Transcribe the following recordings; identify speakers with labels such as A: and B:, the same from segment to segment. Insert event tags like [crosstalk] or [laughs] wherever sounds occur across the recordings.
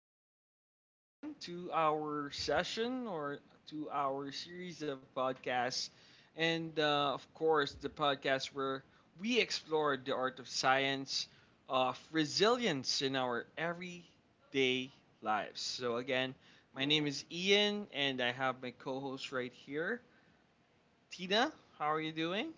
A: Guys, welcome again to our session or to our series of podcasts. And, of course, the podcast where we explored the art of science, of resilience in our everyday lives. So, again, my name is Ian, and I have my co host right here, Tina. How are you doing?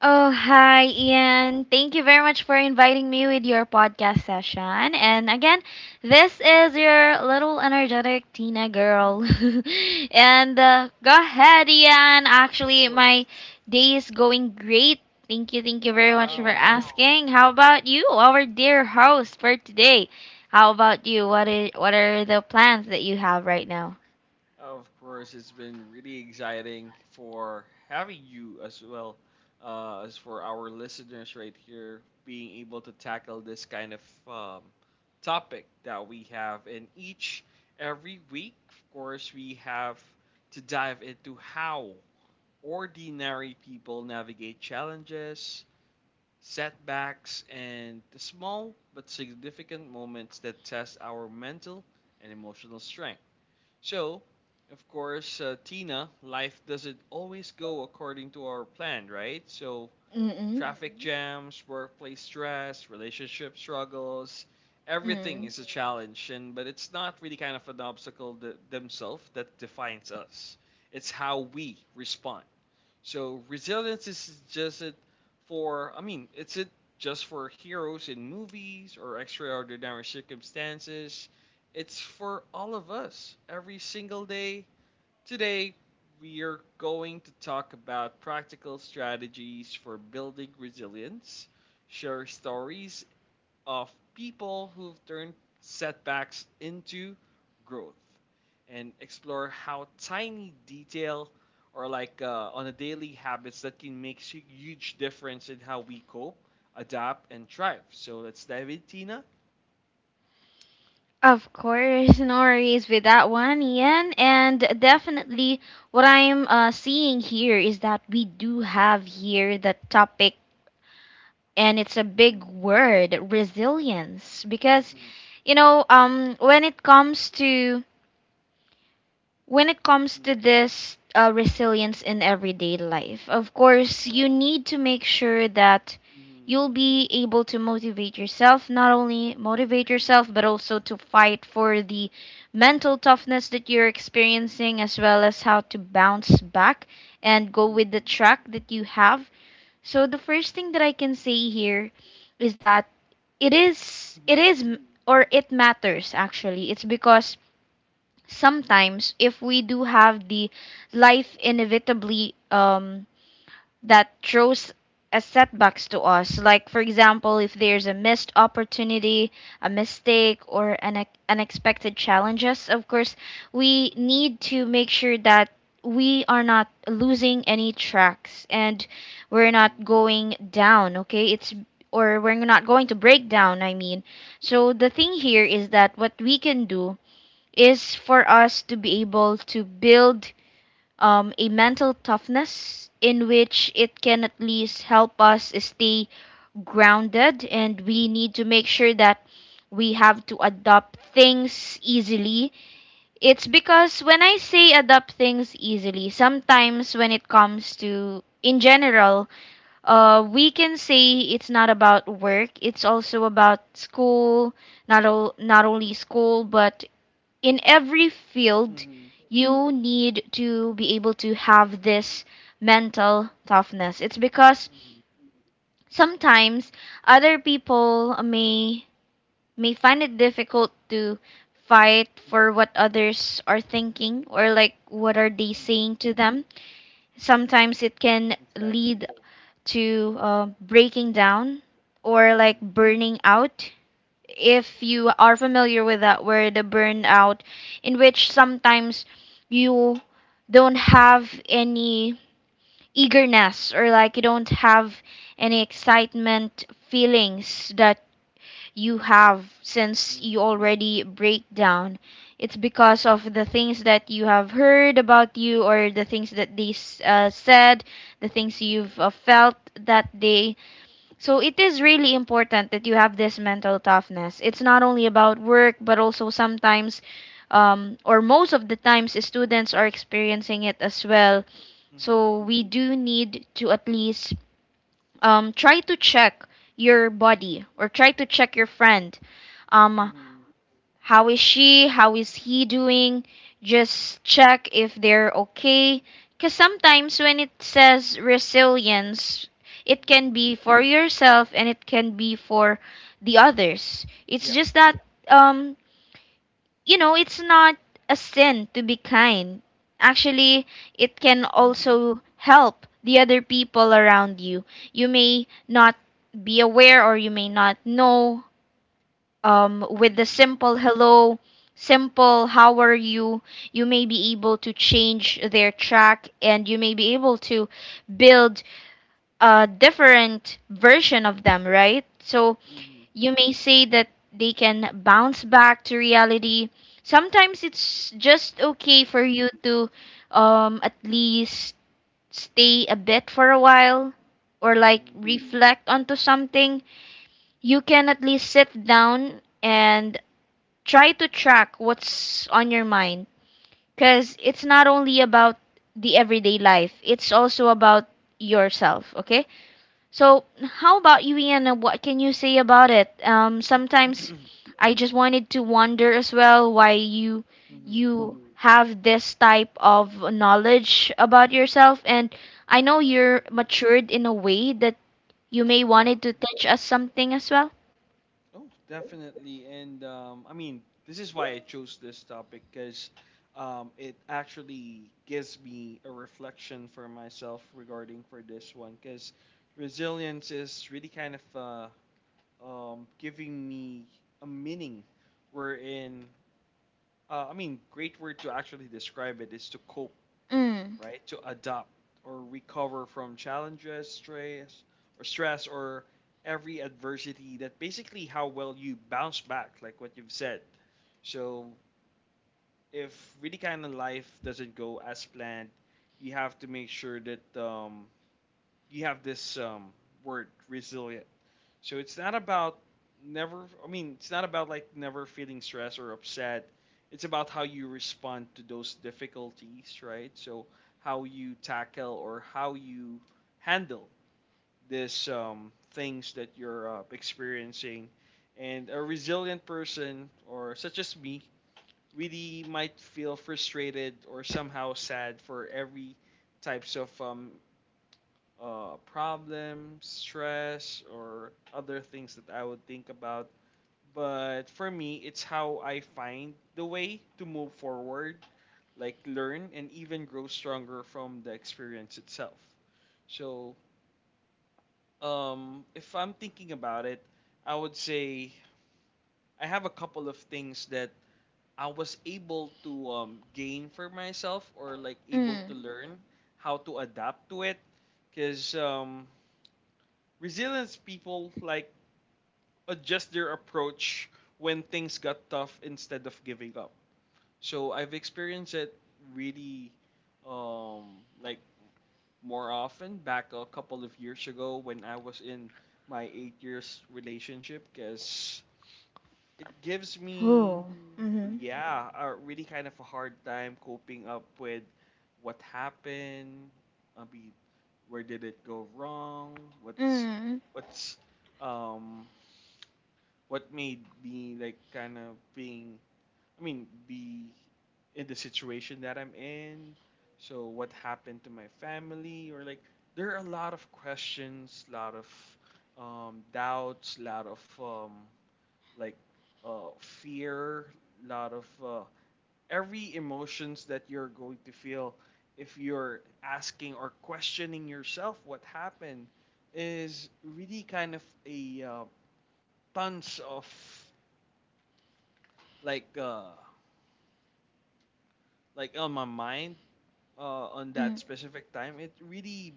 B: Oh, hi, Ian. Thank you very much for inviting me with your podcast session.
A: Of
B: And again, this is your little energetic Tina girl. [laughs] and Go ahead, Ian. Actually, my
A: course.
B: day is going great. Thank you very much for
A: Wow.
B: asking. How about you, our dear host for today? How about you? What are the plans that you have right now?
A: Of course, it's been really exciting for having you as well as for our listeners right here being able to tackle this kind of um, topic that we have. And each every week, of course, we have to dive into how ordinary people navigate challenges, setbacks, and the small but significant moments that test our mental and emotional strength. So, of course, Tina, life doesn't always go according to our plan, right? So,
B: Mm-mm.
A: traffic jams, workplace stress, relationship struggles, everything is a challenge, and but it's not really kind of an obstacle themselves that defines us. It's how we respond. So resilience is just it for, I mean, it's it just for heroes in movies or extraordinary circumstances. It's for all of us every single day. Today we are going to talk about practical strategies for building resilience, share stories of people who've turned setbacks into growth and explore how tiny detail or like on a daily habits that can make a huge difference in how we cope, adapt, and thrive. So let's dive in, Tina.
B: Of course, no worries with that one, Ian. And definitely, what I'm seeing here is that we do have here the topic, and it's a big word resilience. Because, you know, um, when it comes to when it comes to this resilience in everyday life, of course, you need to make sure that you'll be able to motivate yourself, not only motivate yourself, but also to fight for the mental toughness that you're experiencing, as well as how to bounce back and go with the track that you have. So, the first thing that I can say here is that it is, or it matters actually. It's because sometimes if we do have the life inevitably that throws a setbacks to us, like for example, if there's a missed opportunity, a mistake, or an unexpected challenges, of course we need to make sure that we are not losing any tracks, and we're not going down. Okay, it's, or we're not going to break down. So the thing here is that what we can do is for us to be able to build a mental toughness in which it can at least help us stay grounded, and we need to make sure that we have to adopt things easily. It's because when I say adopt things easily, sometimes when it comes to in general, we can say it's not about work. It's also about school, not only school, but in every field you need to be able to have this mental toughness. It's because sometimes other people may find it difficult to fight for what others are thinking or like what are they saying to them. Sometimes it can lead
A: Exactly.
B: to breaking down or like burning out, if you are familiar with that word, the burnout, in which sometimes you don't have any eagerness, or like you don't have any excitement feelings that you have since you already break down. It's because of the things that you have heard about you, or the things that they said, the things you've felt that day. So it is really important that you have this mental toughness. It's not only about work, but also sometimes, or most of the times, students are experiencing it as well.
A: Mhm.
B: So we do need to at least try to check your body or try to check your friend. Um,
A: Mhm.
B: how is she? How is he doing? Just check if they're okay. Because sometimes when it says resilience, it can
A: Mhm.
B: be for yourself and it can be for the others. It's
A: Yeah.
B: just that, um, you know, it's not a sin to be kind. Actually, it can
A: Mhm.
B: also help the other people around you. You may not be aware or you may not know, with the
A: Mhm.
B: simple hello, simple how are you, you may be able to change their track and you may be able to build a different version of them, right? So
A: Mhm.
B: you may say that they can bounce back to reality. Sometimes it's just okay
A: Mhm.
B: for you to, at least stay a bit for a while or like
A: Mhm.
B: reflect onto something. You can at least sit down and try to track what's on your mind, because it's not only about the everyday life, it's also about yourself, okay? So, how about you, Ian? What can you say about it? Sometimes I just wanted to wonder as well why you
A: Mhm.
B: you have this type of knowledge about yourself, and I know
A: Mhm.
B: you're matured in a way that you may
A: Yeah.
B: wanted to teach us something as well.
A: Oh, definitely. And I mean, this is why I chose this topic because it actually gives me a reflection for myself regarding for this one because resilience is really kind of giving me a meaning wherein I mean, great word to actually describe it is to cope,
B: Mm.
A: right? To adapt or recover from challenges, stress, or every adversity. That basically how well you bounce back, like what you've said. So if really kind of life doesn't go as planned, you have to make sure that you have this word resilient, so it's not about never. I mean, it's not about like never feeling stressed or upset. It's about how you respond to those difficulties, right? So how you tackle or how you handle these things that you're experiencing. And a resilient person, or such as me, really might feel frustrated or somehow sad for every types of problems, stress, or other things that I would think about. But for me, it's how I find the way to move forward, like learn and even grow stronger from the experience itself. So, if I'm thinking about it, I would say I have a couple of things that I was able to gain for myself or like able to
B: Mm.
A: learn how to adapt to it. Because resilience people like adjust their approach when things got tough instead of giving up. So I've experienced it really like more often back a couple of years ago when I was in my 8 years relationship because it gives me,
B: Oh.
A: yeah, a really kind of a hard time coping up with what happened. I mean, where did it go wrong? What's
B: Mm-hmm.
A: what's um what made me like kind of being, I mean, be in the situation that I'm in, so what happened to my family, or like there are a lot of questions, lot of doubts, lot of like fear, lot of every emotions that you're going to feel if you're asking or questioning yourself what happened is really kind of a tons of like uh like on my mind on that
B: Mm,
A: specific time. It really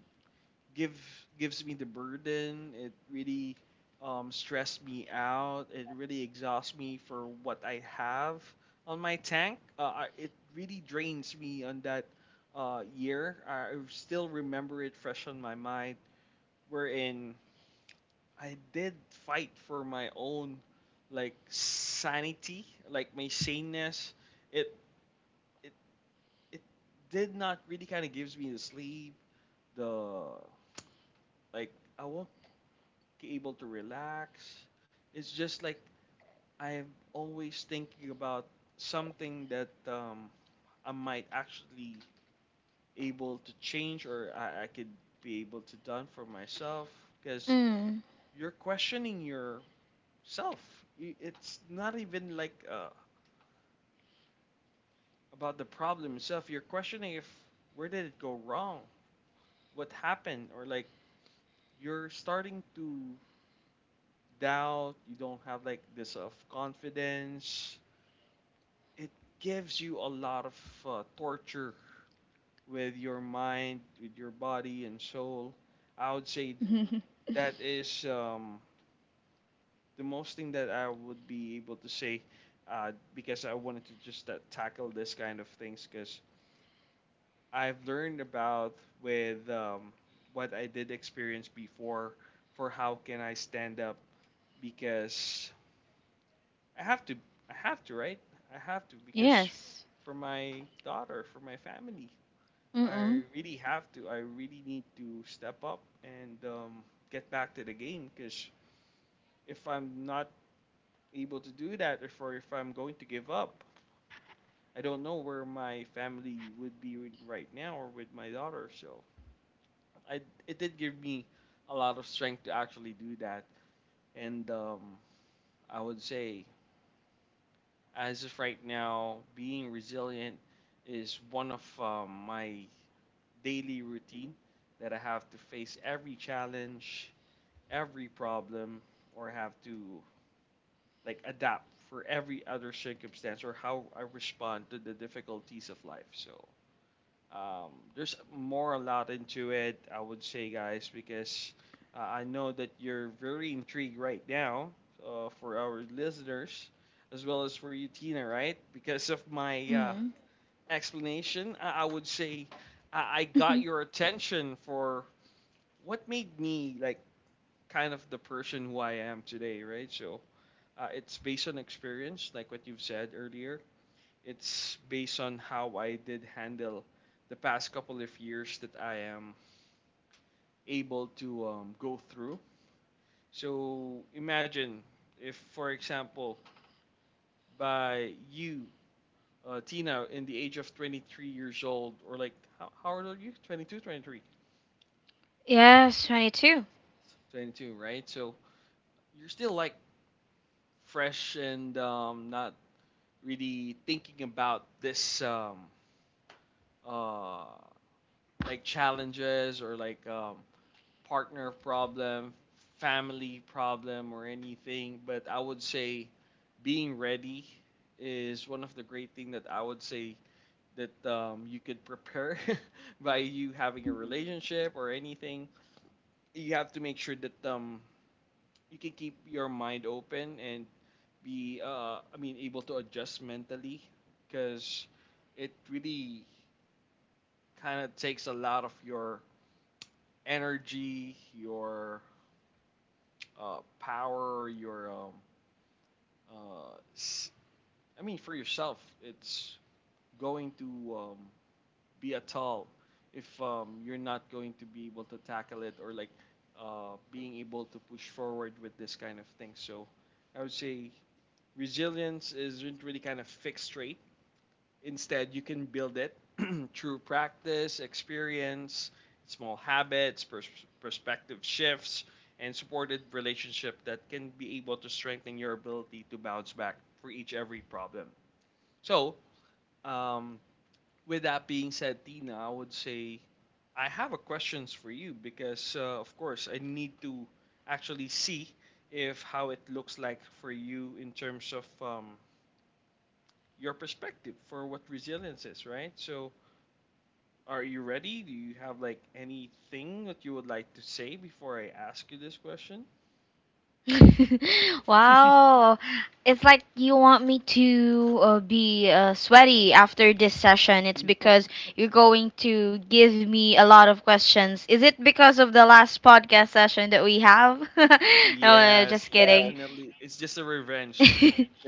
A: give gives me the burden, it really stressed me out, it really exhausts me for what I have on my tank. It really drains me on that year. I still remember it fresh on my mind, wherein I did fight for my own like sanity, like my saneness. It it it did not really kind of gives me the sleep, the like I won't be able to relax. It's just like I'm always thinking about something that I might actually able to change, or I could be able to done for myself because
B: mm.
A: you're questioning yourself. It's not even like about the problem itself. You're questioning if where did it go wrong, what happened, or like you're starting to doubt, you don't have like this of confidence. It gives you a lot of torture with your mind, with your body and soul. I would say
B: [laughs]
A: that is the most thing that I would be able to say because I wanted to just tackle this kind of things because I've learned about with what I did experience before for how can I stand up because I have to. I have to, right? I have to because
B: Yes.
A: for my daughter, for my family,
B: Mm-mm.
A: I really have to. I really need to step up and get back to the game because if I'm not able to do that, or for if I'm going to give up, I don't know where my family would be right now or with my daughter. So I, it did give me a lot of strength to actually do that, and I would say as of right now, being resilient is one of my daily routine that I have to face every challenge, every problem, or have to like adapt for every other circumstance or how I respond to the difficulties of life. So um, there's more a lot into it, I would say, guys, because I know that you're very intrigued right now for our listeners, as well as for you, Tina, right? Because of my
B: Mm.
A: explanation, I would say I got your
B: [laughs]
A: attention for what made me like kind of the person who I am today, right? So it's based on experience, like what you've said earlier. It's based on how I did handle the past couple of years that I am able to go through. So imagine if, for example, by you, Tina, in the age of 23 years old, or like, how old are you? 22, 23?
B: Yes, 22.
A: 22, right? So you're still like fresh and not really thinking about this uh, like challenges or like partner problem, family problem, or anything. But I would say being ready is one of the great thing that I would say that you could prepare [laughs] by you having a relationship or anything. You have to make sure that you can keep your mind open and be, I mean, able to adjust mentally because it really kind of takes a lot of your energy, your power, your uh, s- I mean for yourself, it's going to be a toll if you're not going to be able to tackle it, or like being able to push forward with this kind of thing. So I would say resilience isn't really kind of fixed rate. Instead, you can build it through practice, experience, small habits, perspective shifts, and supported relationship that can be able to strengthen your ability to bounce back for each every problem. So, um, with that being said, Tina, I would say I have a questions for you because, of course, I need to actually see if how it looks like for you in terms of your perspective for what resilience is, right? So, are you ready? Do you have like anything that you would like to say before I ask you this question?
B: [laughs]
A: [laughs]
B: Wow. It's like you want me to be sweaty after this session. It's because you're going to give me a lot of questions. Is it because of the last podcast session that we have? [laughs] No,
A: Yes,
B: just kidding.
A: definitely. It's just a revenge.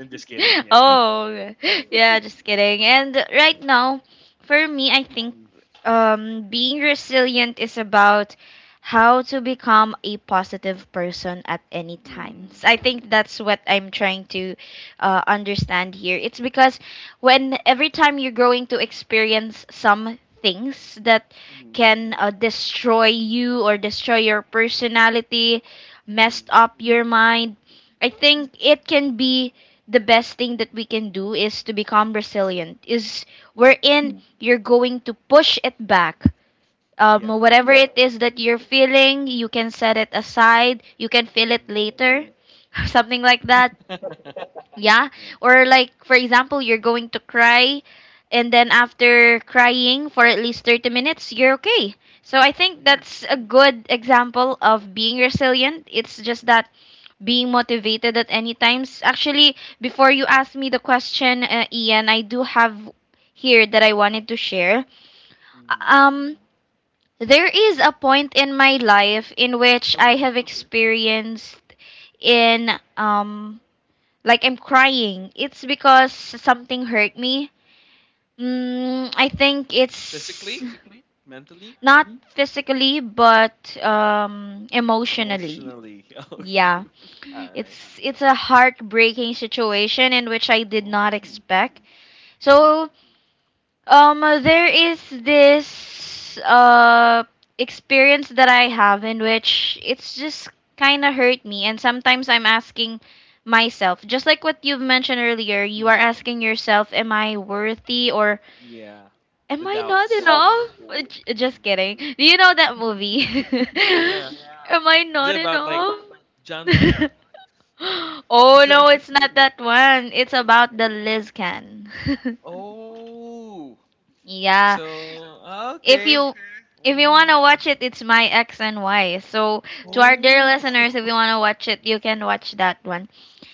A: I'm just kidding. Yeah. [laughs]
B: Oh, yeah, just kidding. And right now, for me, I think,
A: Mhm.
B: being resilient is about how to become a positive person at any
A: Mm.
B: times. I think that's what I'm trying to understand here. It's because when every time you're going to experience some things that
A: Mhm.
B: can destroy you or destroy your personality, messed
A: Mhm.
B: up your mind, I think it can be, the best thing that we can do is to become resilient. Is
A: Yeah.
B: wherein you're going to push it back.
A: Yeah.
B: Whatever, yeah, it is that you're feeling, you can set it aside. You can feel it
A: Mhm.
B: later, [laughs] something like that.
A: [laughs]
B: Yeah.
A: Yeah.
B: Or like for example, you're going to cry, and then after crying for at least 30 minutes, you're okay. So I think
A: Mhm.
B: that's a good example of being resilient. It's just that being motivated at any times. Actually, before you ask me the question, Ian, I do have here that I wanted to share. Uh,
A: Mm.
B: Um there is a point in my life in which I
A: Okay.
B: have experienced, in um like I'm crying. It's because something hurt me. Mm, I think it's
A: Physically, mentally,
B: not physically but emotionally.
A: emotionally. [laughs] Okay.
B: Yeah.
A: All right.
B: It's a heartbreaking situation in which I did
A: Oh.
B: not
A: Mm-hmm.
B: expect. So, um, there is this experience that I have in which it's just kind of hurt me, and sometimes I'm asking myself, just like what you've mentioned earlier, you are
A: Mm-hmm.
B: asking yourself, "Am I worthy?" or
A: Yeah.
B: "Am
A: The
B: I not
A: doubts, right?
B: enough?" J- just
A: Mm-hmm.
B: kidding. Do you know that movie?
A: Yeah.
B: [laughs] Am I
A: Is it
B: not
A: about like
B: enough?
A: John Lloyd?
B: [laughs]
A: [laughs] Is
B: Oh
A: that
B: no,
A: it?
B: it's not that one. It's about the Liz can. [laughs]
A: Oh,
B: Yeah.
A: so ah,
B: if
A: okay.
B: you if you want
A: Mm,
B: to
A: okay.
B: watch it, it's My X and Y. So to our dear
A: Oh,
B: listeners, if you want
A: [laughs]
B: to watch it, you can watch that one.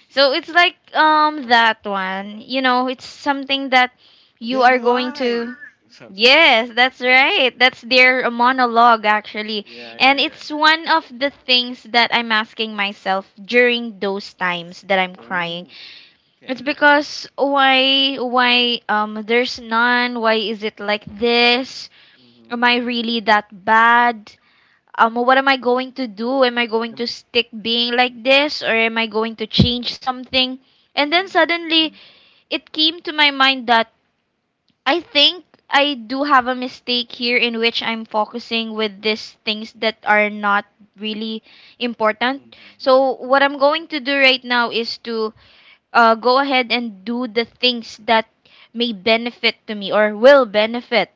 B: So it's like, um, that one, you know, it's something that you are
A: then
B: going to,
A: why? Something.
B: yes, that's right, that's their monologue actually.
A: Yeah,
B: And
A: yeah, yeah.
B: it's one of the things that I'm asking myself during those times that I'm crying.
A: Oh,
B: It's
A: okay.
B: because why, why, there's none, why is it like this? Am
A: Mm-hmm.
B: I really that bad? What am I going to do? Am I going
A: Mm,
B: to stick being like this or am I going to change something? And then
A: mm,
B: suddenly it came to my mind that I think I do have a mistake here in which I'm focusing with these things that are not really important.
A: mm-hmm.
B: So what
A: Mm,
B: I'm going to do right now is to, go ahead and do the things that may benefit to me or will benefit,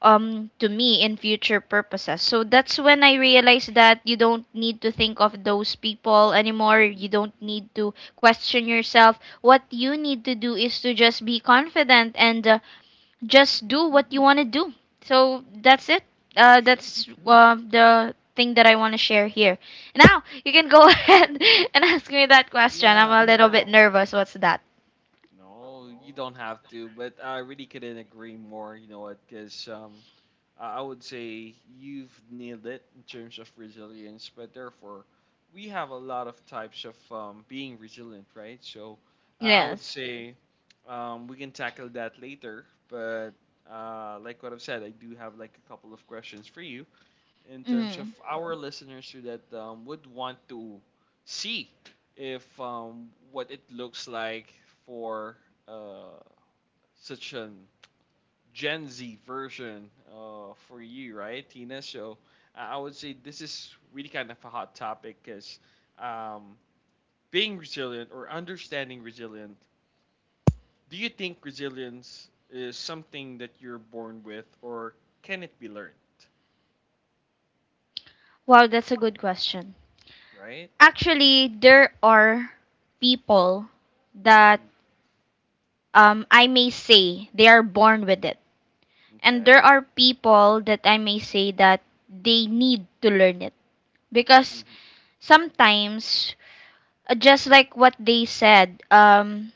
B: to me in future purposes. So that's when I realized that you don't need to think of those people anymore. You
A: mm-hmm.
B: don't need to question yourself. What you need to do is to just be confident and, just do
A: Mm-hmm.
B: what you want to do. So that's it.
A: For sure.
B: That's the thing that I want to share here. Now you can go [laughs]
A: Hmm.
B: ahead and ask me that question. I'm
A: Yeah.
B: a little bit nervous. What's that?
A: No, you don't have to, but I really couldn't agree more. You know what? Because I would say you've nailed it in terms of resilience, but therefore, we have a lot of types of being resilient, right? So I would
B: Yes.
A: say we can tackle that later, but like what I've said, I do have like a couple of questions for you in terms of
B: Mm.
A: our listeners who that would want to see if what it looks like for uh, such an Gen Z version for you, right, Tina? So I would say this is really kind of a hot topic because um, being resilient or understanding resilient, do you think resilience is something that you're born with or can it be learned,
B: Wow, that's a good question.
A: right? Mm-hmm.
B: Actually, there are people that,
A: Mm-hmm.
B: I may say they are born with it, and
A: Okay.
B: there are people that I may say that they need to learn it, because
A: Mm-hmm.
B: sometimes, just like what they said,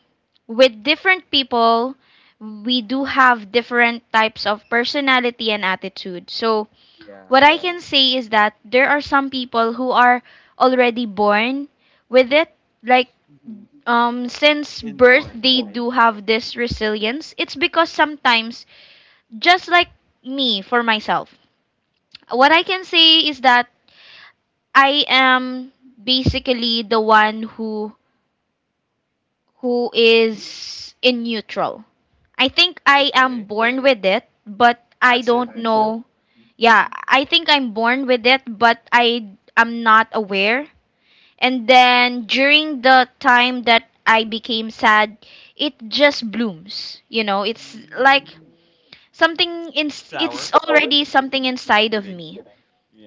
B: with different people, we do have different types of personality and attitude. So,
A: Yeah.
B: what I can say is that there are some people who are already born with it. Like,
A: Mm-hmm.
B: since birth,
A: Inborn,
B: they
A: right?
B: do have this resilience. It's because
A: Mm-hmm.
B: sometimes, just like me, for myself, what I can say is that I am basically the one who is in neutral.
A: Mm-hmm.
B: I think I am
A: Okay.
B: born with it, but I
A: Passive.
B: don't know.
A: Mm.
B: Yeah, I think I'm born with it, but I am not aware. And then during the time that I became sad, it just blooms. You know, it's like something in it's
A: Flower.
B: already something
A: [laughs]
B: inside of
A: Kidding.
B: me.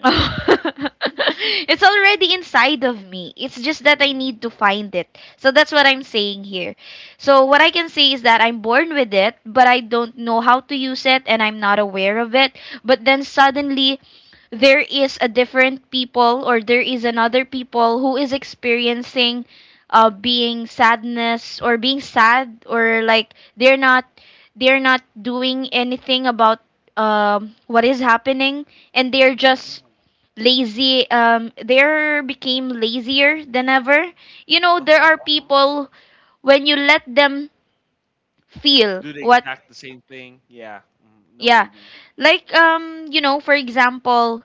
B: [laughs] It's already inside of me. It's just that I need to
A: Mm.
B: find it. So that's what I'm
A: Mhm.
B: saying here. So what I can say is that I'm born with it, but I don't know how to use it and I'm not aware of it. But then suddenly, there is a different people, or there is another people who is experiencing being sadness, or being sad, or like they're not doing anything about what is happening, and they're
A: Mhm.
B: just lazy. There became lazier than ever. You know, there
A: Uh-huh.
B: are people, when you let them feel
A: Do the
B: what.
A: exact the same thing. Yeah. Know what
B: Yeah.
A: you mean.
B: Like, for example,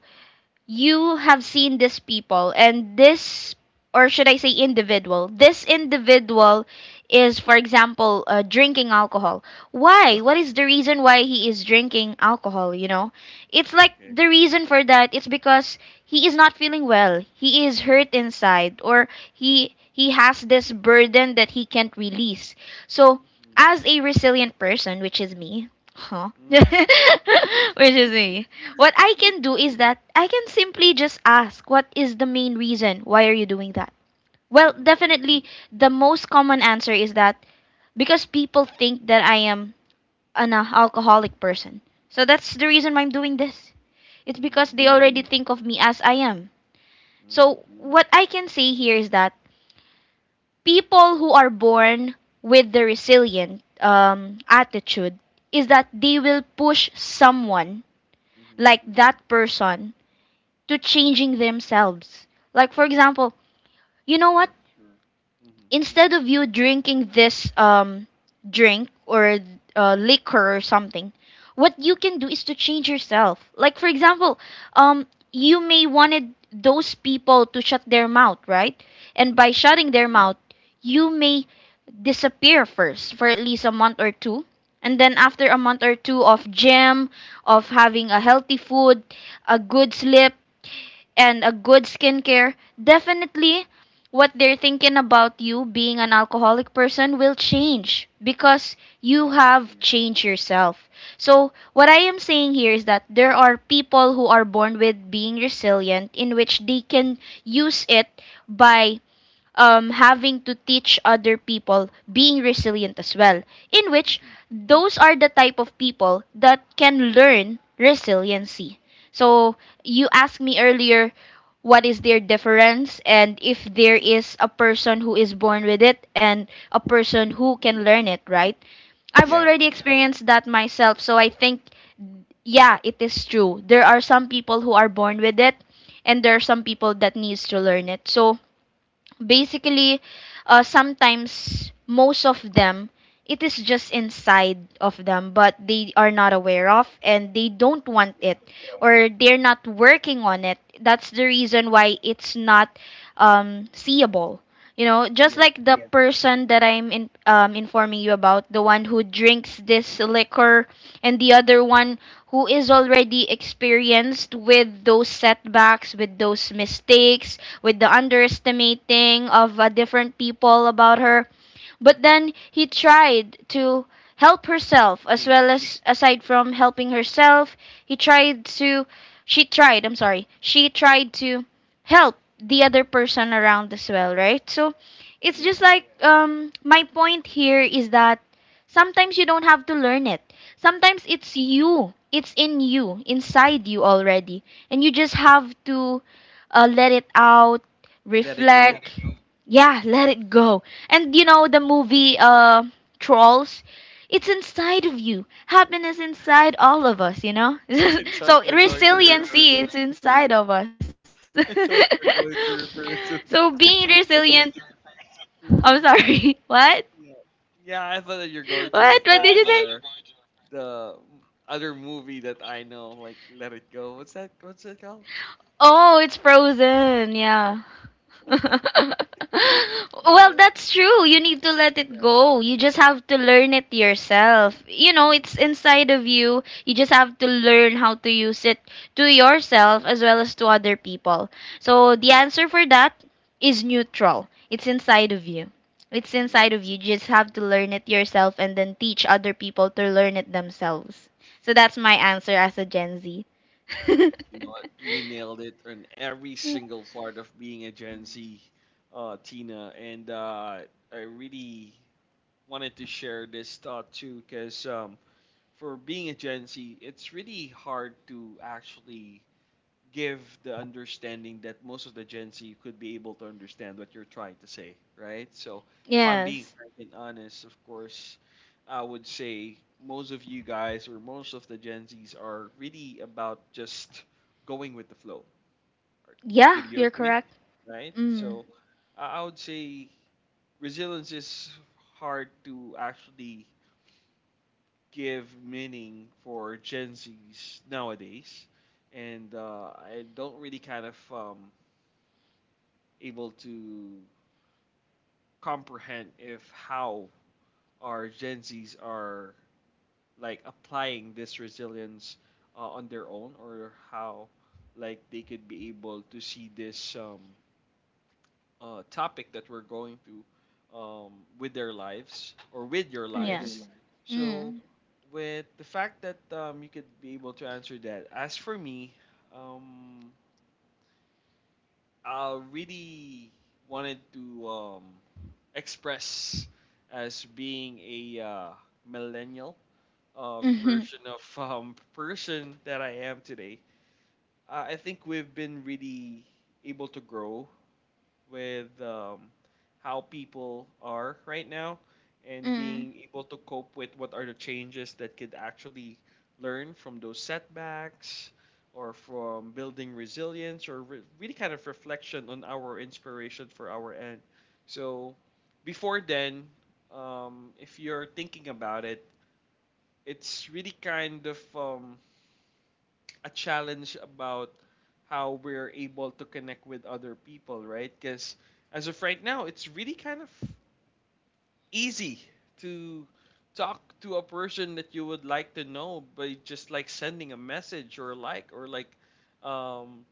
B: you have seen these people, and
A: Okay.
B: this, or should I say, individual this individual is, for example, drinking alcohol. Why? What
A: [laughs]
B: is the reason why he is drinking alcohol, you know? It's like
A: Okay.
B: the reason for that, it's because he is not feeling well. He is hurt inside, or he has this burden that he can't release. So
A: Mhm.
B: as a resilient person, which is me, huh, [laughs]
A: Mhm.
B: which is me, what I can do is that I can simply just ask, what is the main reason? Why are you doing that? Well,
A: Mhm.
B: definitely, the most common answer is that because people think that I am an alcoholic person. So that's the reason why I'm doing this. It's because
A: Mm.
B: they already think of me as I am.
A: Mm.
B: So what I can say here is that people who are born with the resilient attitude is that they will push someone,
A: Mhm.
B: like that person, to changing themselves. Like for example, you know what?
A: Sure. Mhm.
B: Instead of you drinking this drink, or liquor or something, what you can do is to change yourself. Like for example, you may wanted those people to shut their mouth, right? And by shutting
A: Yeah.
B: their mouth, you may disappear first for at least a month or two. And then after a month or two of gym, of having a healthy food, a good sleep, and a good skincare, definitely, what they're thinking about you being an alcoholic person will change because you
A: Yeah.
B: have changed yourself. So, what I am saying here is that there are people who are born with being resilient, in which they can use it by having to teach other people being resilient as well, in which
A: Mhm.
B: those are the type of people that can learn resiliency. So you asked me earlier, what is their difference, and if there is a person who is born with it and a person who can learn it, right? I've
A: Yeah.
B: already experienced that myself, so I think, yeah, it is true. There are some people who are born with it, and there are some people that needs to learn it. So basically, sometimes most of them, it is just inside of them, but they are not aware of, and they don't want
A: Yeah.
B: it, or they're not working on it. That's the reason why it's not seeable, you know? Just
A: Yeah.
B: like the person that informing you about, the one who drinks this liquor, and the other one who is already experienced with those setbacks, with those mistakes, with the underestimating of different people about her. But then he tried to help herself, as well
A: Change.
B: as, aside from helping herself, he tried to, she tried, I'm sorry. She tried to help the other person around as well, right? So it's just
A: Yeah.
B: like, my point here is that sometimes you don't have to learn it. Sometimes it's you. It's in you, inside you already. And you just have to let it out,
A: Let it go. [laughs]
B: reflect. Yeah, let it go. And you know the movie, Trolls. It's inside of you. Happiness inside all of us, you know? [laughs]
A: It's what
B: So
A: you're going to refer.
B: resiliency, it's inside of us.
A: [laughs] It's what you're going to
B: [laughs] So
A: refer to.
B: being
A: [laughs]
B: resilient, I'm sorry.
A: Mhm.
B: [laughs] What?
A: Yeah. Yeah, I thought that you're
B: What?
A: going
B: What
A: to
B: did you
A: refer
B: say?
A: to the other movie that I know, like Let It Go. What's that? What's it called?
B: Oh, it's Frozen. Yeah. [laughs] Well,
A: Yeah.
B: that's true. You need to let it go. You just have to learn it yourself. You know, it's
A: Mhm.
B: inside of you. You just have to learn how to use it to yourself as well as to other people. So, the
A: Exactly.
B: answer for that is neutral. It's inside of you. It's inside of
A: Yes.
B: you. You just have to learn it yourself and then teach other people to learn it themselves. So, that's my answer as a Gen Z. [laughs]
A: You know what? You nailed it on every single part of being a Gen Z, Tina. And I really wanted to share this thought too, because for being a Gen Z, it's really hard to actually give the understanding that most of the Gen Z could be able to understand what you're trying to say, right? So, if I'm being
B: Yes.
A: frank and honest, of course, I would say most of you guys or most of the Gen Zs are really about just going with the flow. Are-
B: Yeah,
A: Could you
B: you're
A: agree?
B: correct.
A: Right?
B: Mm.
A: So, I would say resilience is hard to actually give meaning for Gen Zs nowadays and I don't really kind of able to comprehend if how our Gen Zs are like applying this resilience on their own or how like they could be able to see this topic that we're going through um, with their lives or with your lives.
B: Yes.
A: So
B: Mhm.
A: with the fact that you could be able to answer that, as for me, um, I really wanted to express as being a millennial
B: Mm.
A: version of person that I am today. I think we've been really able to grow with how people are right now and
B: Mm-hmm. Mm.
A: being able to cope with what are the changes that could actually learn from those setbacks or from building resilience or re- really kind of reflection on our inspiration for our end. So before then, if you're thinking about it, it's really kind of a challenge about how we're able to connect with other people, right? Because as of right now, it's really kind of easy to talk to a person that you would like to know by just like sending a message or like um,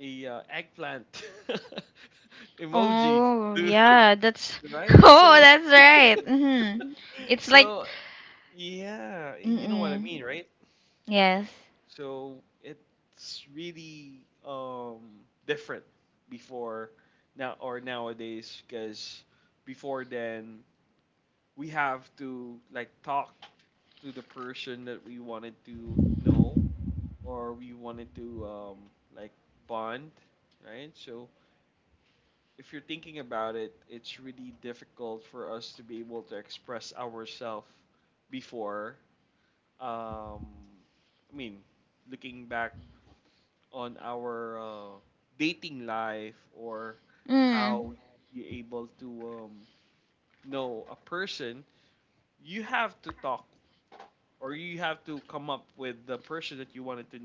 A: a eggplant [laughs] emoji,
B: Oh, yeah, that's
A: [laughs]
B: [laughs]
A: right?
B: Oh,
A: So
B: that's right. Mm-hmm. It's like
A: so yeah, you know what I
B: mm-mm.
A: mean, right?
B: Yes.
A: So it's really different before now or nowadays because before then we have to like talk to the person that we wanted to know or we wanted to like bond, right? So if you're thinking about it, it's really difficult for us to be able to express ourselves before. Um, I mean, looking back on our dating life or how
B: Mm.
A: you're able to know a person, you have to talk or you have to come up with the person that you wanted to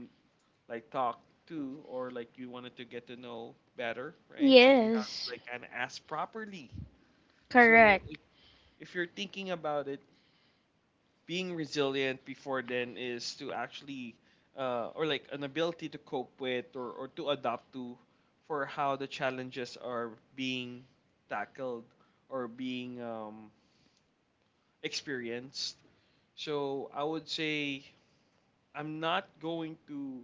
A: like talk to or like you wanted to get to know better, right? So you have to
B: Yes.
A: like kind of ask properly. So
B: Correct.
A: if you're thinking about it, being resilient before then is to actually or like an ability to cope with or to adapt to for how the challenges are being tackled or being experienced so I would say I'm not going to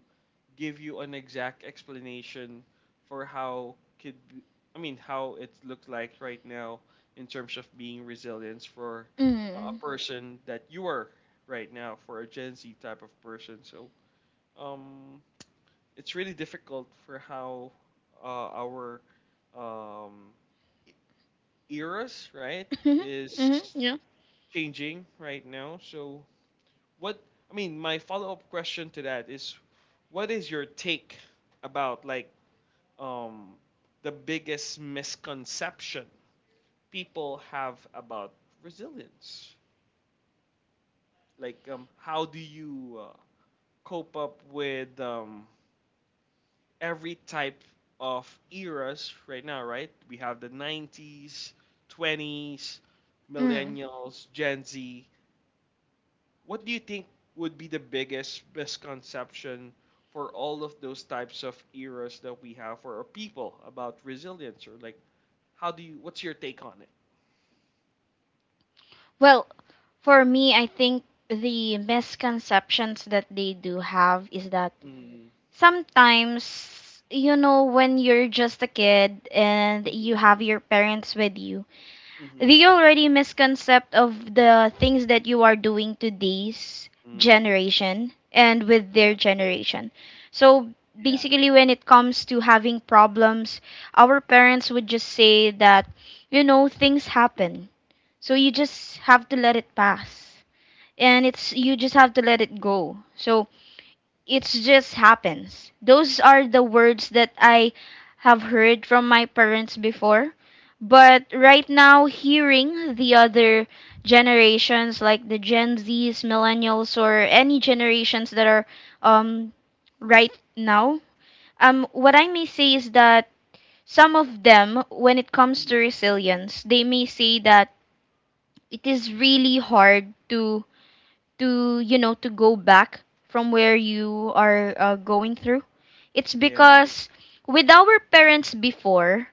A: give you an exact explanation for how could be, I mean how it looks like right now in terms of being resilience for a
B: Mm.
A: person that you are right now for a Gen Z type of person. So um, it's really difficult for how uh, our um, e-, eras right
B: [laughs]
A: is
B: Mm-hmm. Yeah.
A: changing right now. So what I mean, my follow-up question to that is, what is your take about like um, the biggest misconception people have about resilience? Like, how do you cope up with every type of eras right now? Right, we have the '90s, '20s,
B: Mm.
A: millennials, Gen Z. What do you think would be the biggest misconception for all of those types of eras that we have for our people about resilience or like how do you what's your take on it?
B: Well, for me, I think the misconceptions that they do have is that
A: Mm,
B: sometimes, you know, when you're just a kid and
A: mm-hmm,
B: you have your parents with you,
A: mm,
B: the already misconcept of the things that you are doing to this
A: mm
B: generation and with their
A: yeah,
B: generation. So
A: yeah,
B: basically, when it comes to having problems, our parents would just say that, you know, things happen, so you just have to let it pass, and it's, you just have to let it go. So it just happens. Those are the words that I have heard from my parents before. But right now, hearing the other generations, like the Gen Zs, Millennials, or any generations that are um, right now, what I may say is that some of them, when it comes to
A: mm
B: resilience, they may say that it is really hard to you know, to go back from where you are going through. It's
A: yeah,
B: because, with our parents before,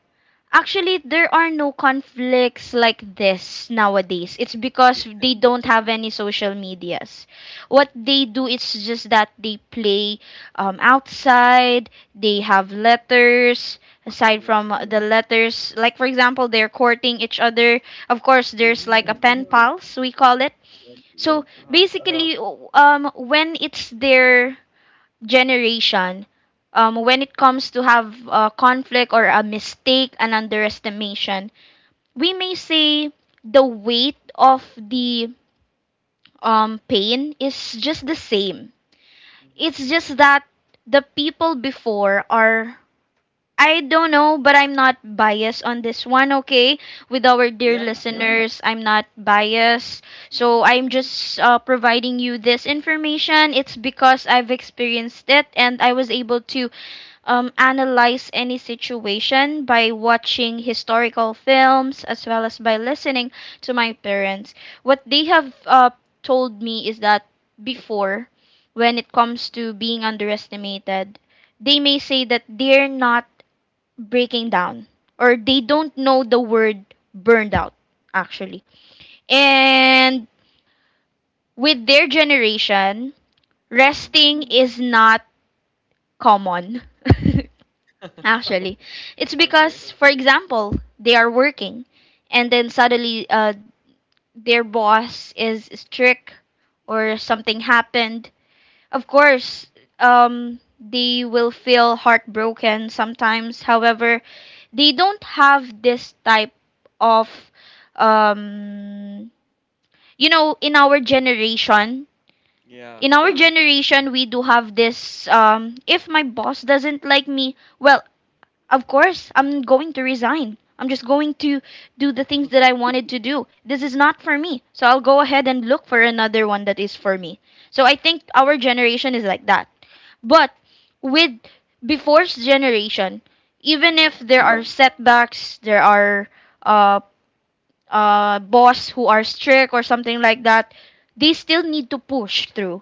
B: actually, there are no conflicts like this nowadays. It's
A: yeah,
B: because they don't have any social medias. What
A: mhm,
B: they do is just that they play outside. They have letters. Aside
A: yeah,
B: from the letters, like for example, they're courting each other. Of course, there's like a
A: mm
B: pen pals, we call it.
A: exactly.
B: So
A: Uh-huh.
B: basically, when it's their generation, when it comes to have a conflict or a mistake, an underestimation, we may say the weight of the pain is just the same.
A: Mm.
B: It's just that the people before are, I don't know, but I'm not biased on this one, okay? With our dear
A: Yeah.
B: listeners, I'm not biased. So
A: Mm-hmm.
B: I'm just providing you this information. It's because I've experienced it and I was able to analyze any situation by watching historical films as well as by listening to my parents. What they have told me is that before, when it comes to being underestimated, they may say that they're not breaking down, or they don't know the word burned out, actually. And with their generation,
A: Mm.
B: resting is not common. [laughs] Actually, it's
A: Okay.
B: because, for example, they are working, and then
A: Mm.
B: suddenly, their boss is strict, or something happened. Of course, they will feel heartbroken sometimes. However, they don't have this type of, um, in our generation,
A: Yeah.
B: in our generation, we do have this. If my boss doesn't like me, well, of course, I'm going to resign. I'm just going to do the things that I wanted to do. This is not for me. So I'll go ahead and look for another one that is for me. So I think our generation is like that. But with before's generation, even if
A: Yeah.
B: there are setbacks, there are uh, boss who are strict or something like that, they still need to push through.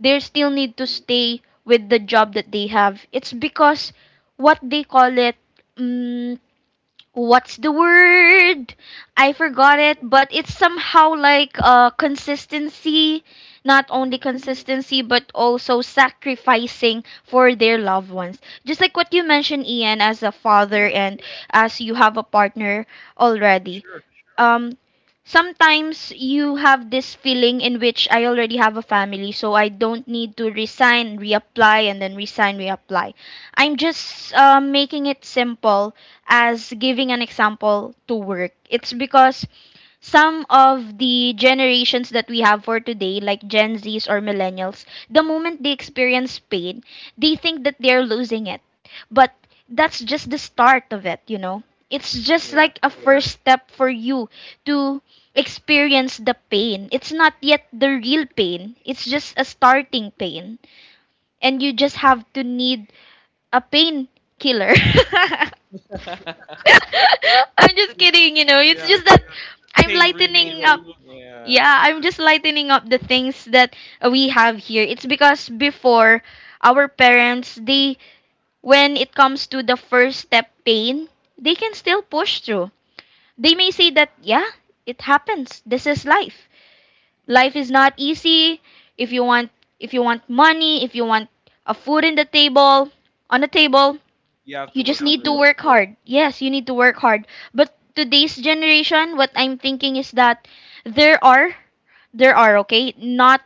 B: They still need to stay with the job that they have. It's because, what they call it, mm, what's the word? I
A: Mm-hmm.
B: forgot it, but it's somehow like consistency. Not only
A: Mm-hmm.
B: consistency, but also sacrificing for their
A: [laughs]
B: loved ones. Just like what you mentioned, Ian, as a father,
A: Yeah.
B: and as you have a partner
A: For
B: already,
A: sure.
B: um sometimes you have this feeling in which I already have a family, so I don't need to resign, reapply, and then resign, reapply. I'm just making it simple as giving an example to work. It's because some of the generations that we have for today, like Gen Zs or millennials, the moment they experience pain, they think that they're losing it. But that's just the start of it, you know? It's just
A: Yeah.
B: like a, yeah, first step for you to experience the pain. It's not yet the real pain, it's just a starting pain. And you just have to need a pain killer. [laughs]
A: [laughs]
B: [laughs] I'm just kidding, you know. It's
A: Yeah,
B: just that I'm
A: pain
B: lightening up.
A: removal. Yeah.
B: Yeah, I'm just lightening up the things that we have here. It's because before, our parents, they, when it comes to the first step pain, they can still push through. They may say
A: Hmm.
B: that, yeah, it happens. This is life.
A: Yeah.
B: Life is not easy. If you want if you want money, if you want a food in the table, on the
A: Hmm.
B: table,
A: You have to
B: you just
A: work for
B: need to
A: it.
B: work hard. Yes, you need to work hard. But today's generation, what I'm thinking is that there are, there are, okay? Not,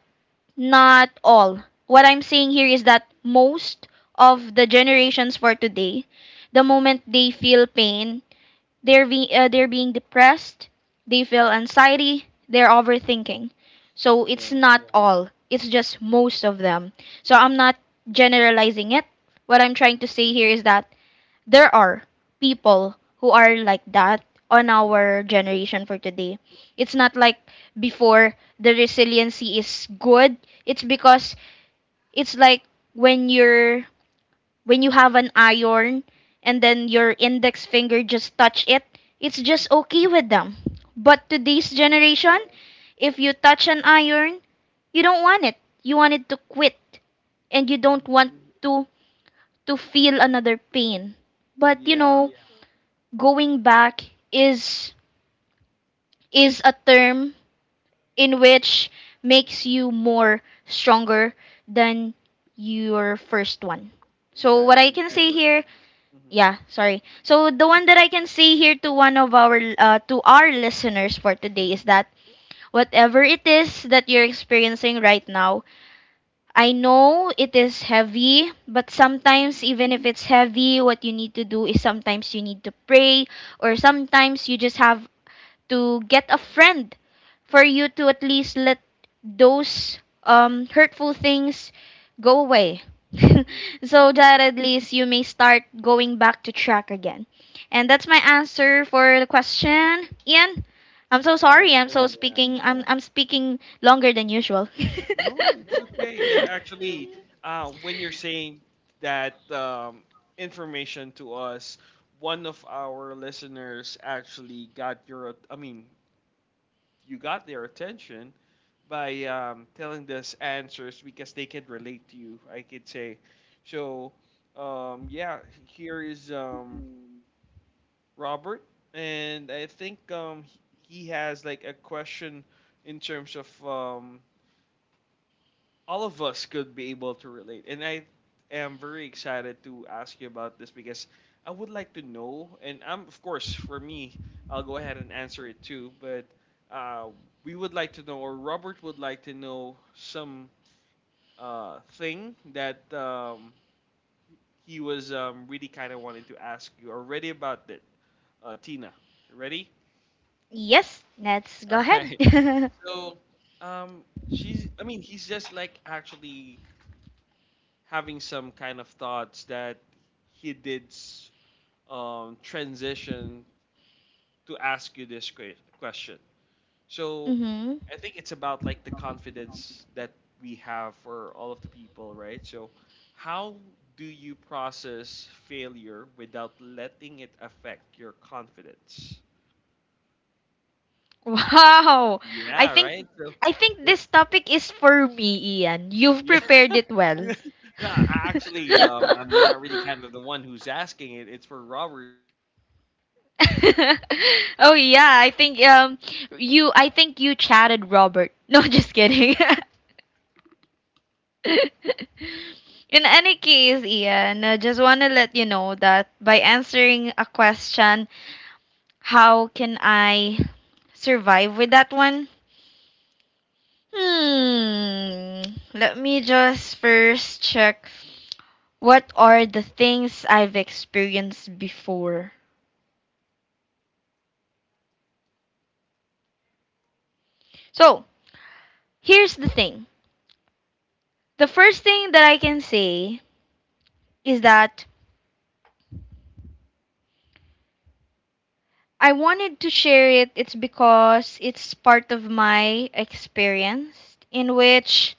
B: not all. What I'm saying here is that most of the generations for today, the
A: Hmm.
B: moment they feel pain, they're being depressed, they feel anxiety, they're overthinking. So it's
A: Yeah.
B: not all. It's just most of them. So I'm not generalizing it. What I'm
A: Hmm.
B: trying to say here is that there are people who are like that on
A: Hmm.
B: our generation for today. It's not like before. The resiliency is good. It's because it's like, when you're when you have an iron, and then your index finger just touch it, it's just okay with them. But today's
A: Yeah.
B: generation, if you touch an iron, you don't want it. You want it to quit and you don't
A: Hmm.
B: want to to feel another pain. But you
A: Yeah.
B: know, going back is is a term in which makes
A: Hmm.
B: you more stronger than your first one. So
A: Yeah.
B: what I
A: Than
B: can say
A: ever.
B: here,
A: Hmm.
B: yeah, sorry. So the one that I can say here to one of our to our listeners for today is
A: Hmm.
B: that whatever it is that you're experiencing right now, I know it is heavy, but sometimes
A: Hmm.
B: even if it's heavy, what you need to do is sometimes you need to pray or sometimes you just have to get a friend for you to at least let those hurtful things go away [laughs] so that at least you may start going back to track again. And that's my answer for the question. Ian, I'm so
A: Act,
B: sorry. I'm so
A: yeah.
B: speaking. I'm speaking longer than usual.
A: No, it's okay. It actually,
B: [laughs]
A: when you're saying that information to us, one of our listeners actually got your, I mean, you got their attention by telling us answers because they can relate to you, I could say. So, yeah, here is Robert, and I think he has like a question in terms of all of us could be able to relate. And I am very excited to ask you about this because I would like to know, and I'm of course for me, I'll go ahead and answer it too. But uh, we would like to know, or Robert would like to know, some thing that he was really kind of wanted to ask you already about that. Tina, ready?
B: Yes, let's go
A: All right.
B: ahead.
A: So, um, she's. I mean, he's just like actually having some kind of thoughts that he did s- transition to ask you this que- question.
B: [laughs]
A: So
B: Mhm.
A: I think it's about like the confidence that we have for all of the people, right? So how do you process failure without letting it affect your confidence?
B: [laughs]
A: Like,
B: Wow. I
A: yeah,
B: think
A: right. So
B: I think this
A: that's
B: topic is for me, Ian.
A: [laughs]
B: You've
A: yeah.
B: prepared it
A: [laughs]
B: well.
A: no, I
B: [laughs]
A: actually, I'm not really kind of the one who's asking it. It's for Robert that, of course, for setbacks
B: Oh
A: or
B: yeah,
A: learning
B: I
A: from
B: think
A: the
B: um
A: setbacks that we
B: you
A: have.
B: I think
A: I'll
B: you
A: give you
B: chatted
A: like time
B: Robert.
A: to
B: [laughs]
A: think
B: No,
A: about
B: just
A: right now.
B: kidding.
A: Again, from the learning from the setbacks that we have, how do
B: [laughs] In
A: you
B: any case,
A: process the
B: Ian, I just
A: failure
B: want to let
A: without
B: you know
A: letting it
B: that by
A: affect your
B: answering a
A: confidence?
B: question, how can I
A: [laughs]
B: survive with that
A: I
B: one?
A: think you you've got really kind of
B: Hmm. Let me
A: able
B: just
A: to
B: first
A: quite
B: check
A: think
B: what
A: about
B: are the
A: that right now.
B: things
A: So,
B: I've experienced before.
A: hmm.
B: So, here's the thing. The first thing that I can say is that I wanted to share it. It's because it's part of my experience in which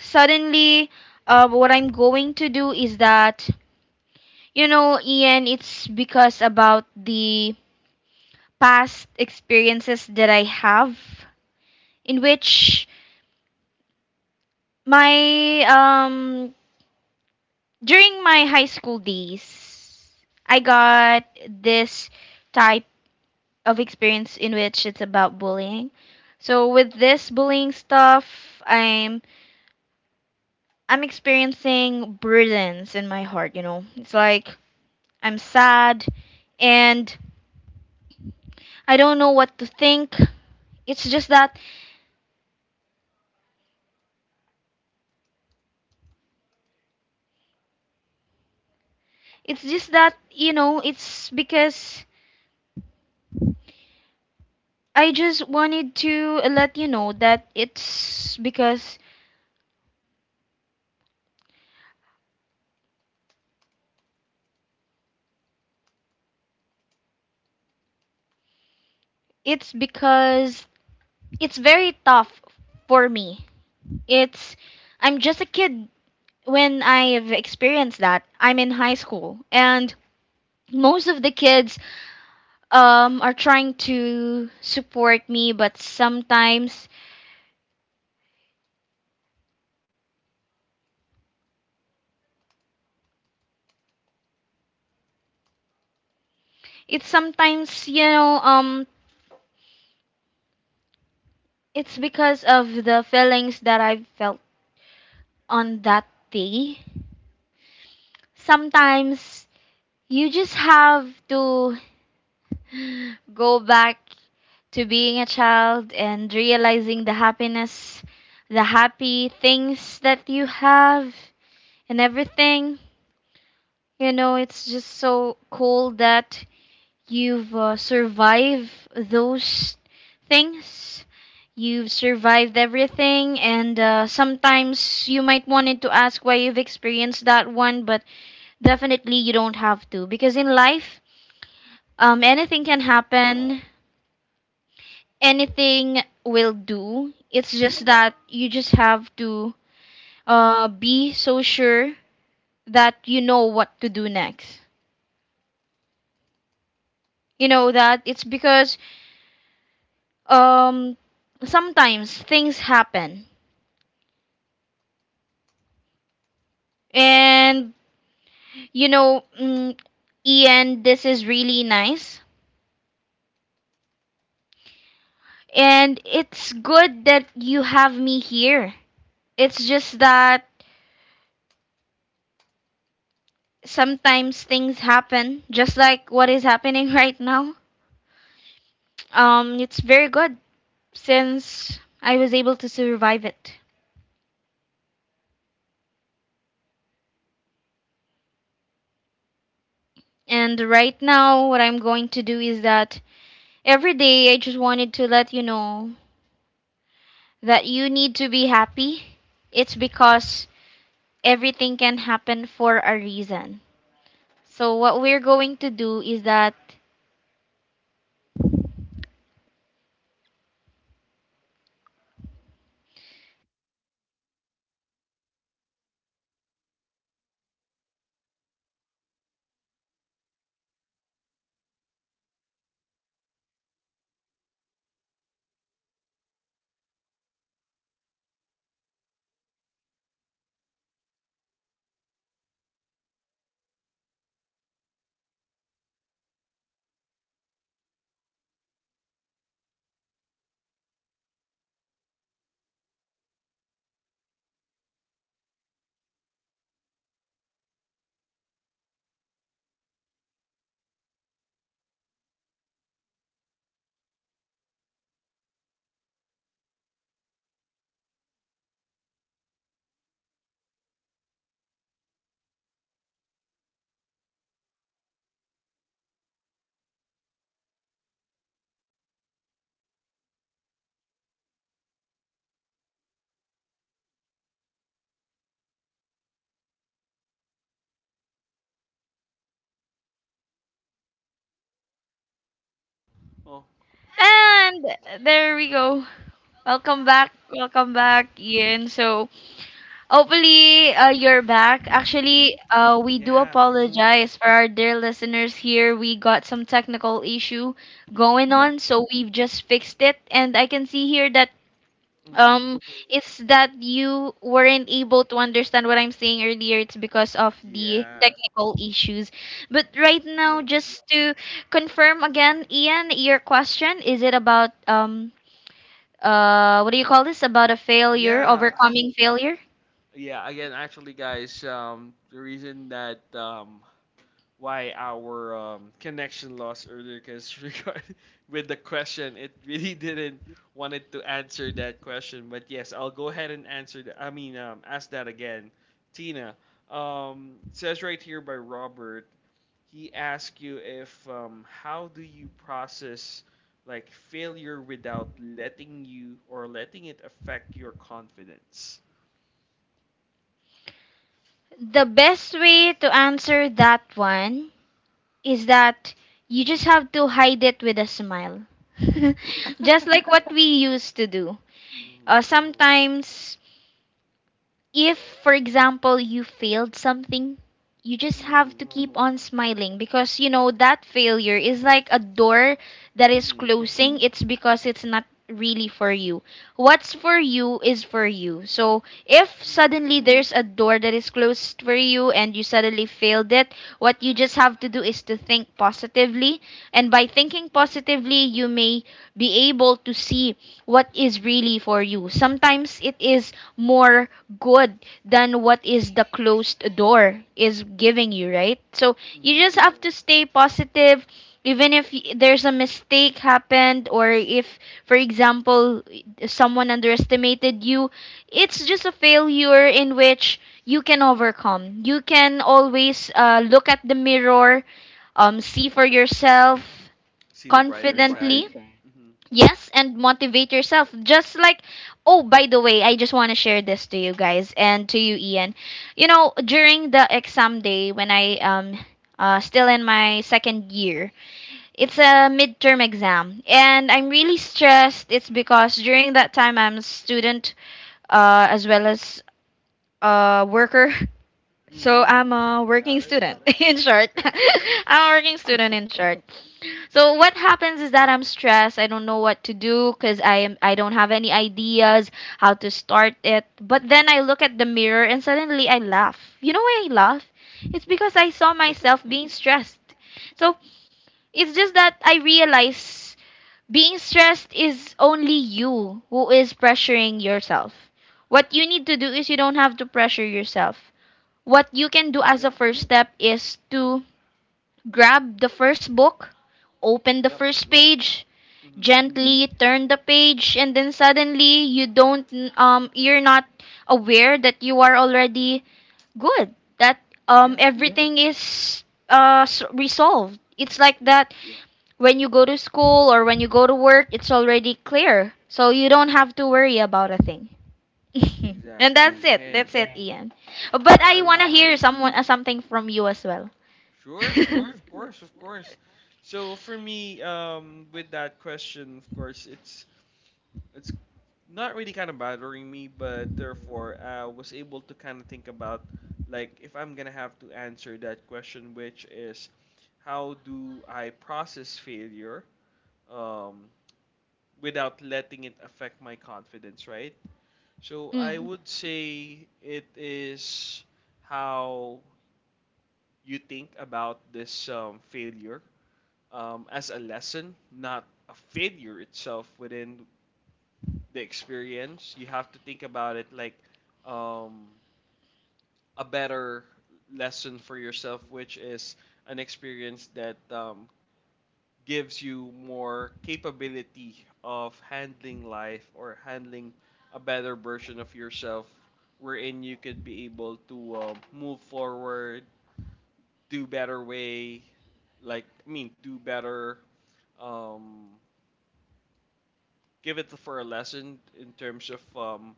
B: suddenly what I'm going to do is that, you know, Ian, it's because about the past experiences that I have in which my during my high school days I got this type of experience in which it's about bullying. So with this bullying stuff, I'm experiencing burdens in my heart, you know. It's like I'm sad and I don't know what to think. It's just that it's just that, you know, it's because I just wanted to let you know that it's because it's very tough for me. It's I'm just a kid when I've experienced that. I'm in high school and most of the kids are trying to support me but sometimes it's sometimes you know it's because of the feelings that I've felt on that day. Sometimes you just have to [sighs] go back to being a child and realizing the happiness, the happy things that you have and everything. You know, it's just so cool that you've survived those things. You've survived everything, and sometimes you might wanted to ask why you've experienced that one, but definitely you don't have to because in life um, anything can happen. Anything will do. It's just that you just have to be so sure that you know what to do next. You know that it's because um, sometimes things happen, and you know, mm, Ian, this is really nice, and it's good that you have me here. It's just that sometimes things happen, just like what is happening [laughs] right now. It's very good since I was able to survive it. And right now, what I'm going to do is that every day I just wanted to let you know that you need to be happy. It's because everything can happen for a reason. So, what we're going to do is that.
A: Alright, no. Oh,
B: And there we go. Welcome back. Welcome back, Ian. So, hopefully, you're back. Actually, we do
A: yeah. Hmm.
B: apologize for our dear listeners here. We got some technical issue going on, so we've just fixed it. And I can see here that
A: Hmm.
B: um it's that you weren't able to understand what I'm saying earlier. It's because of the
A: Yeah.
B: technical issues. But right now,
A: Yebs.
B: just to confirm again, Ian, your question is it about what do you call this? About a failure,
A: Yeah.
B: overcoming failure?
A: Yeah, again, actually, guys, the reason that why our connection lost earlier because [laughs] regard with the question, it really didn't wanted to answer that question. But yes, I'll go ahead and answer that. I mean, ask that again. Tina, it says right here by Robert, he asked you if how do you process like failure without letting you or letting it affect your confidence.
B: The best way to answer that one is that you just
A: Mhm.
B: have to hide it with a smile. [laughs] Just like what we used to do.
A: Mhm.
B: Sometimes if for example you failed something you just have to
A: Mhm.
B: keep on smiling because you know that failure is like a door that is
A: Mhm.
B: closing. It's because it's not really for you. What's for you is for you. So if
A: Mhm.
B: suddenly there's a door that is closed for you and you suddenly failed it, what you just have to do is to think positively. And by thinking
A: Mhm.
B: positively, you may be able to see what is really for you. Sometimes it is more good than what is the closed door is giving you, right? So you
A: Mhm.
B: just have to stay positive even if there's a mistake happened or if for example someone underestimated you, it's just a failure in which you can overcome. You can always look at the mirror, see for yourself.
A: See
B: Right,
A: the brighter side.
B: confidently.
A: Mhm.
B: Yes, and motivate yourself. Just like, oh, by the way, I just want to share this to you guys and to you,
A: Mhm.
B: Ian. You know, during the exam day when I still in my second year, it's a midterm exam and I'm really stressed. It's because during that time I'm a student as well as a worker [laughs] so
A: Mhm.
B: I'm a working
A: Got it.
B: student [laughs] in short [laughs]
A: Okay.
B: I'm a working student in short. So what happens is that I'm stressed. I don't know what to do because I don't have any ideas how to start it, but then I look at the mirror and suddenly I laugh. You know why I laugh? It's because I saw myself
A: [laughs]
B: being stressed. So it's just that I realize being stressed is only you who is pressuring yourself. What you need to do is you don't have to pressure yourself. What you can do as
A: Yep.
B: a first step is to grab the first book, open the
A: Yep.
B: first page,
A: Mhm.
B: gently turn the page and then suddenly you're not aware that you are already good. That, um,
A: Yeah.
B: yeah, everything is resolved. It's like
A: Yeah.
B: that when you go to school or when you go to work, it's already clear. So you don't
A: Mhm.
B: have to worry about a thing. [laughs] And that's
A: Exactly.
B: it.
A: And
B: That's it, Ian. But
A: I
B: I want to
A: really
B: hear
A: understand.
B: someone something from you as well.
A: Sure,
B: Sure.
A: of course, of course. So for me, with that question, of course, it's not really kind of bothering me, but therefore I was able to kind of think about like if I'm gonna have to answer that question, which is how do I process failure um, without letting it affect my confidence, right? So
B: [laughs]
A: I
B: Mm.
A: would say it is how you think about this failure as a lesson, not a failure itself within the experience. You have to think about it like um, a better lesson for yourself, which is an experience that gives you more capability of handling life or handling a better version of yourself, wherein you could be able to move forward, do better way, like I mean, do better um, give it for a lesson in terms of um,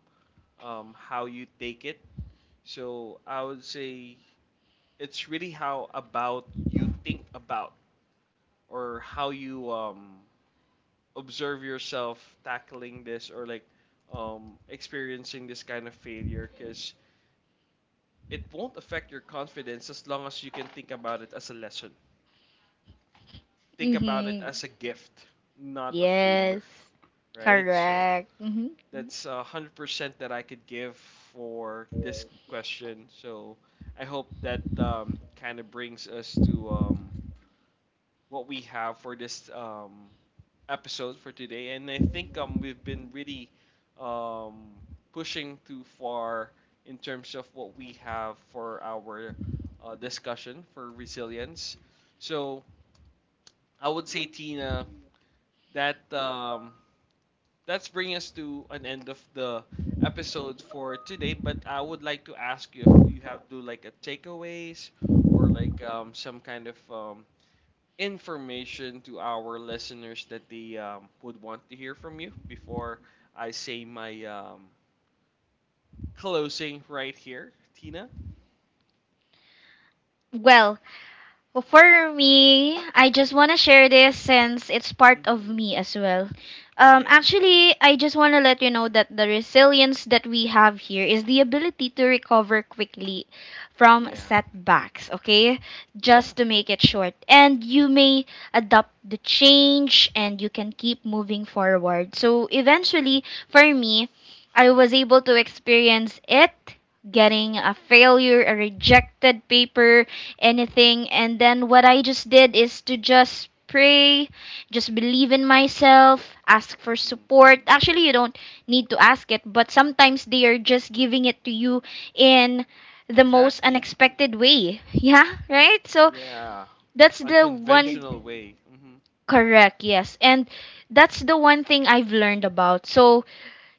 A: um, how you take it. So I would say it's really how about you think about or how you observe yourself tackling this or like experiencing this kind of failure because it won't affect your confidence as long as you can think about it as a lesson. Think about it
B: Hmm.
A: as a gift, not a
B: Yes.
A: failure, right? So
B: Correct. Hmm.
A: that's 100% that I could give for this question. So I hope that kind of brings us to what we have for this episode for today. And I think we've been really um, pushing too far in terms of what we have for our discussion for resilience. So I would say Tina that that's bringing us to an end of the episode for today. But I would like to ask you if you have do like a takeaways or like some kind of information to our listeners that they would want to hear from you before I say my closing right here, Tina.
B: Well, Well, for me, I just want to share this since it's part of
A: Mm-hmm.
B: me as well.
A: Okay.
B: Actually, I just want to let you know that the resilience that we have here is the ability to recover quickly from
A: Yeah.
B: setbacks, okay?
A: Yeah.
B: Just to make it short. And you may adapt the change and you can keep moving forward. So, eventually, for me, I was able to experience it getting a failure, a rejected paper, anything. And then what I just did is to just pray, just believe in myself, ask for
A: Mm-hmm.
B: support. Actually, you don't need to ask it, but sometimes they are just giving it to you in the most
A: Exactly.
B: unexpected way. [laughs] Yeah, right? So
A: Yeah.
B: that's the one.
A: Unconventional way. Mm-hmm.
B: Correct, yes. And that's the one thing I've learned about. So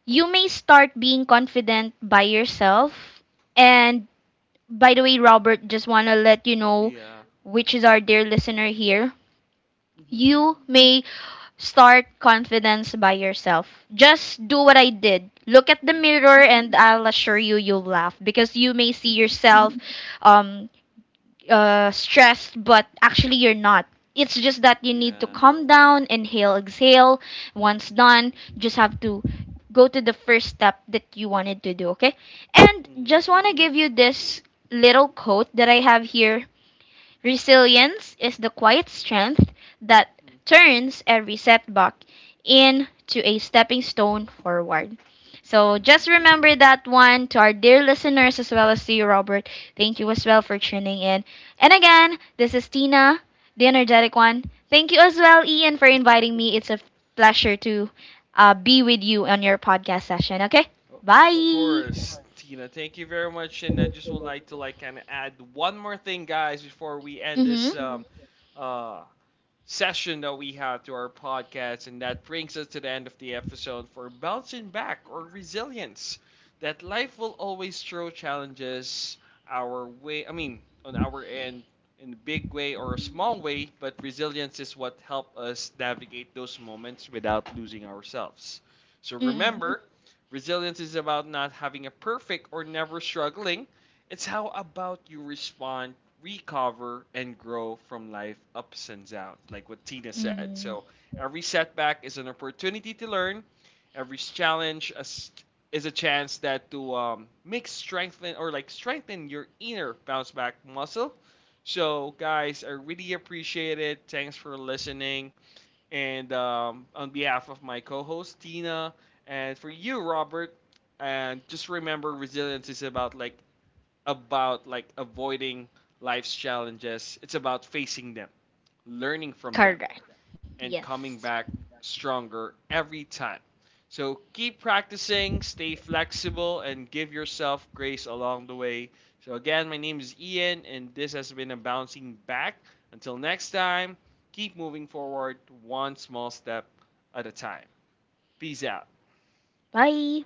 B: you may start being confident by yourself, and by the way, Robert, just want to let you know,
A: Yeah.
B: which is our dear listener here,
A: Mm-hmm.
B: you may start confidence by yourself. Just do what I did. Look at the
A: Mm-hmm.
B: mirror, and I'll assure you, you'll laugh because you may see
A: [laughs]
B: yourself um, stressed, but actually you're not. It's just that you need to
A: Yeah.
B: calm down, inhale, exhale. Once
A: Mm-hmm.
B: done, just have to go to the first step that you wanted to do, okay? And
A: Mm-hmm.
B: just want to give you this little quote that I have here. Resilience is the quiet strength that turns every setback into a stepping stone forward. So
A: Mm-hmm.
B: just remember that one to our dear listeners as well as to you, Robert. Thank you as well for tuning in. And again, this is Tina, the energetic one. Thank you as well, Ian, for
A: Mm-hmm. [laughs]
B: inviting me. It's a pleasure to be with you on your podcast session. Okay?
A: Oh, of
B: Bye.
A: course, Tina. Thank you very much, and I just would like to like kind of add one more thing, guys, before we end
B: Mm-hmm.
A: this Mm-hmm. Session that we have to our podcast, and that brings us to the end of the episode for bouncing back or resilience. That life will always throw challenges our way, I mean, on our end, in a big way or a small way, but resilience is what helps us navigate those moments without losing ourselves. So
B: Mm-hmm.
A: remember, resilience is about not having a perfect or never struggling, it's how about you respond, recover, and grow from life ups and downs, like what Tina said.
B: Mm-hmm.
A: So every setback is an opportunity to learn. Every challenge is a chance that to make strengthen or like strengthen your inner bounce back muscle. So guys, I really appreciate it. Thanks for listening. And on behalf of my co-host Tina and for you, Robert, and just remember resilience is about like avoiding life's challenges. It's about facing them, learning from them,
B: Correct.
A: and coming
B: Yes.
A: back stronger every time. So keep practicing, stay flexible, and give yourself grace along the way. So, again, my name is Ian, and this has been a bouncing back. Until next time, keep moving forward one small step at a time. Peace out.
B: Bye.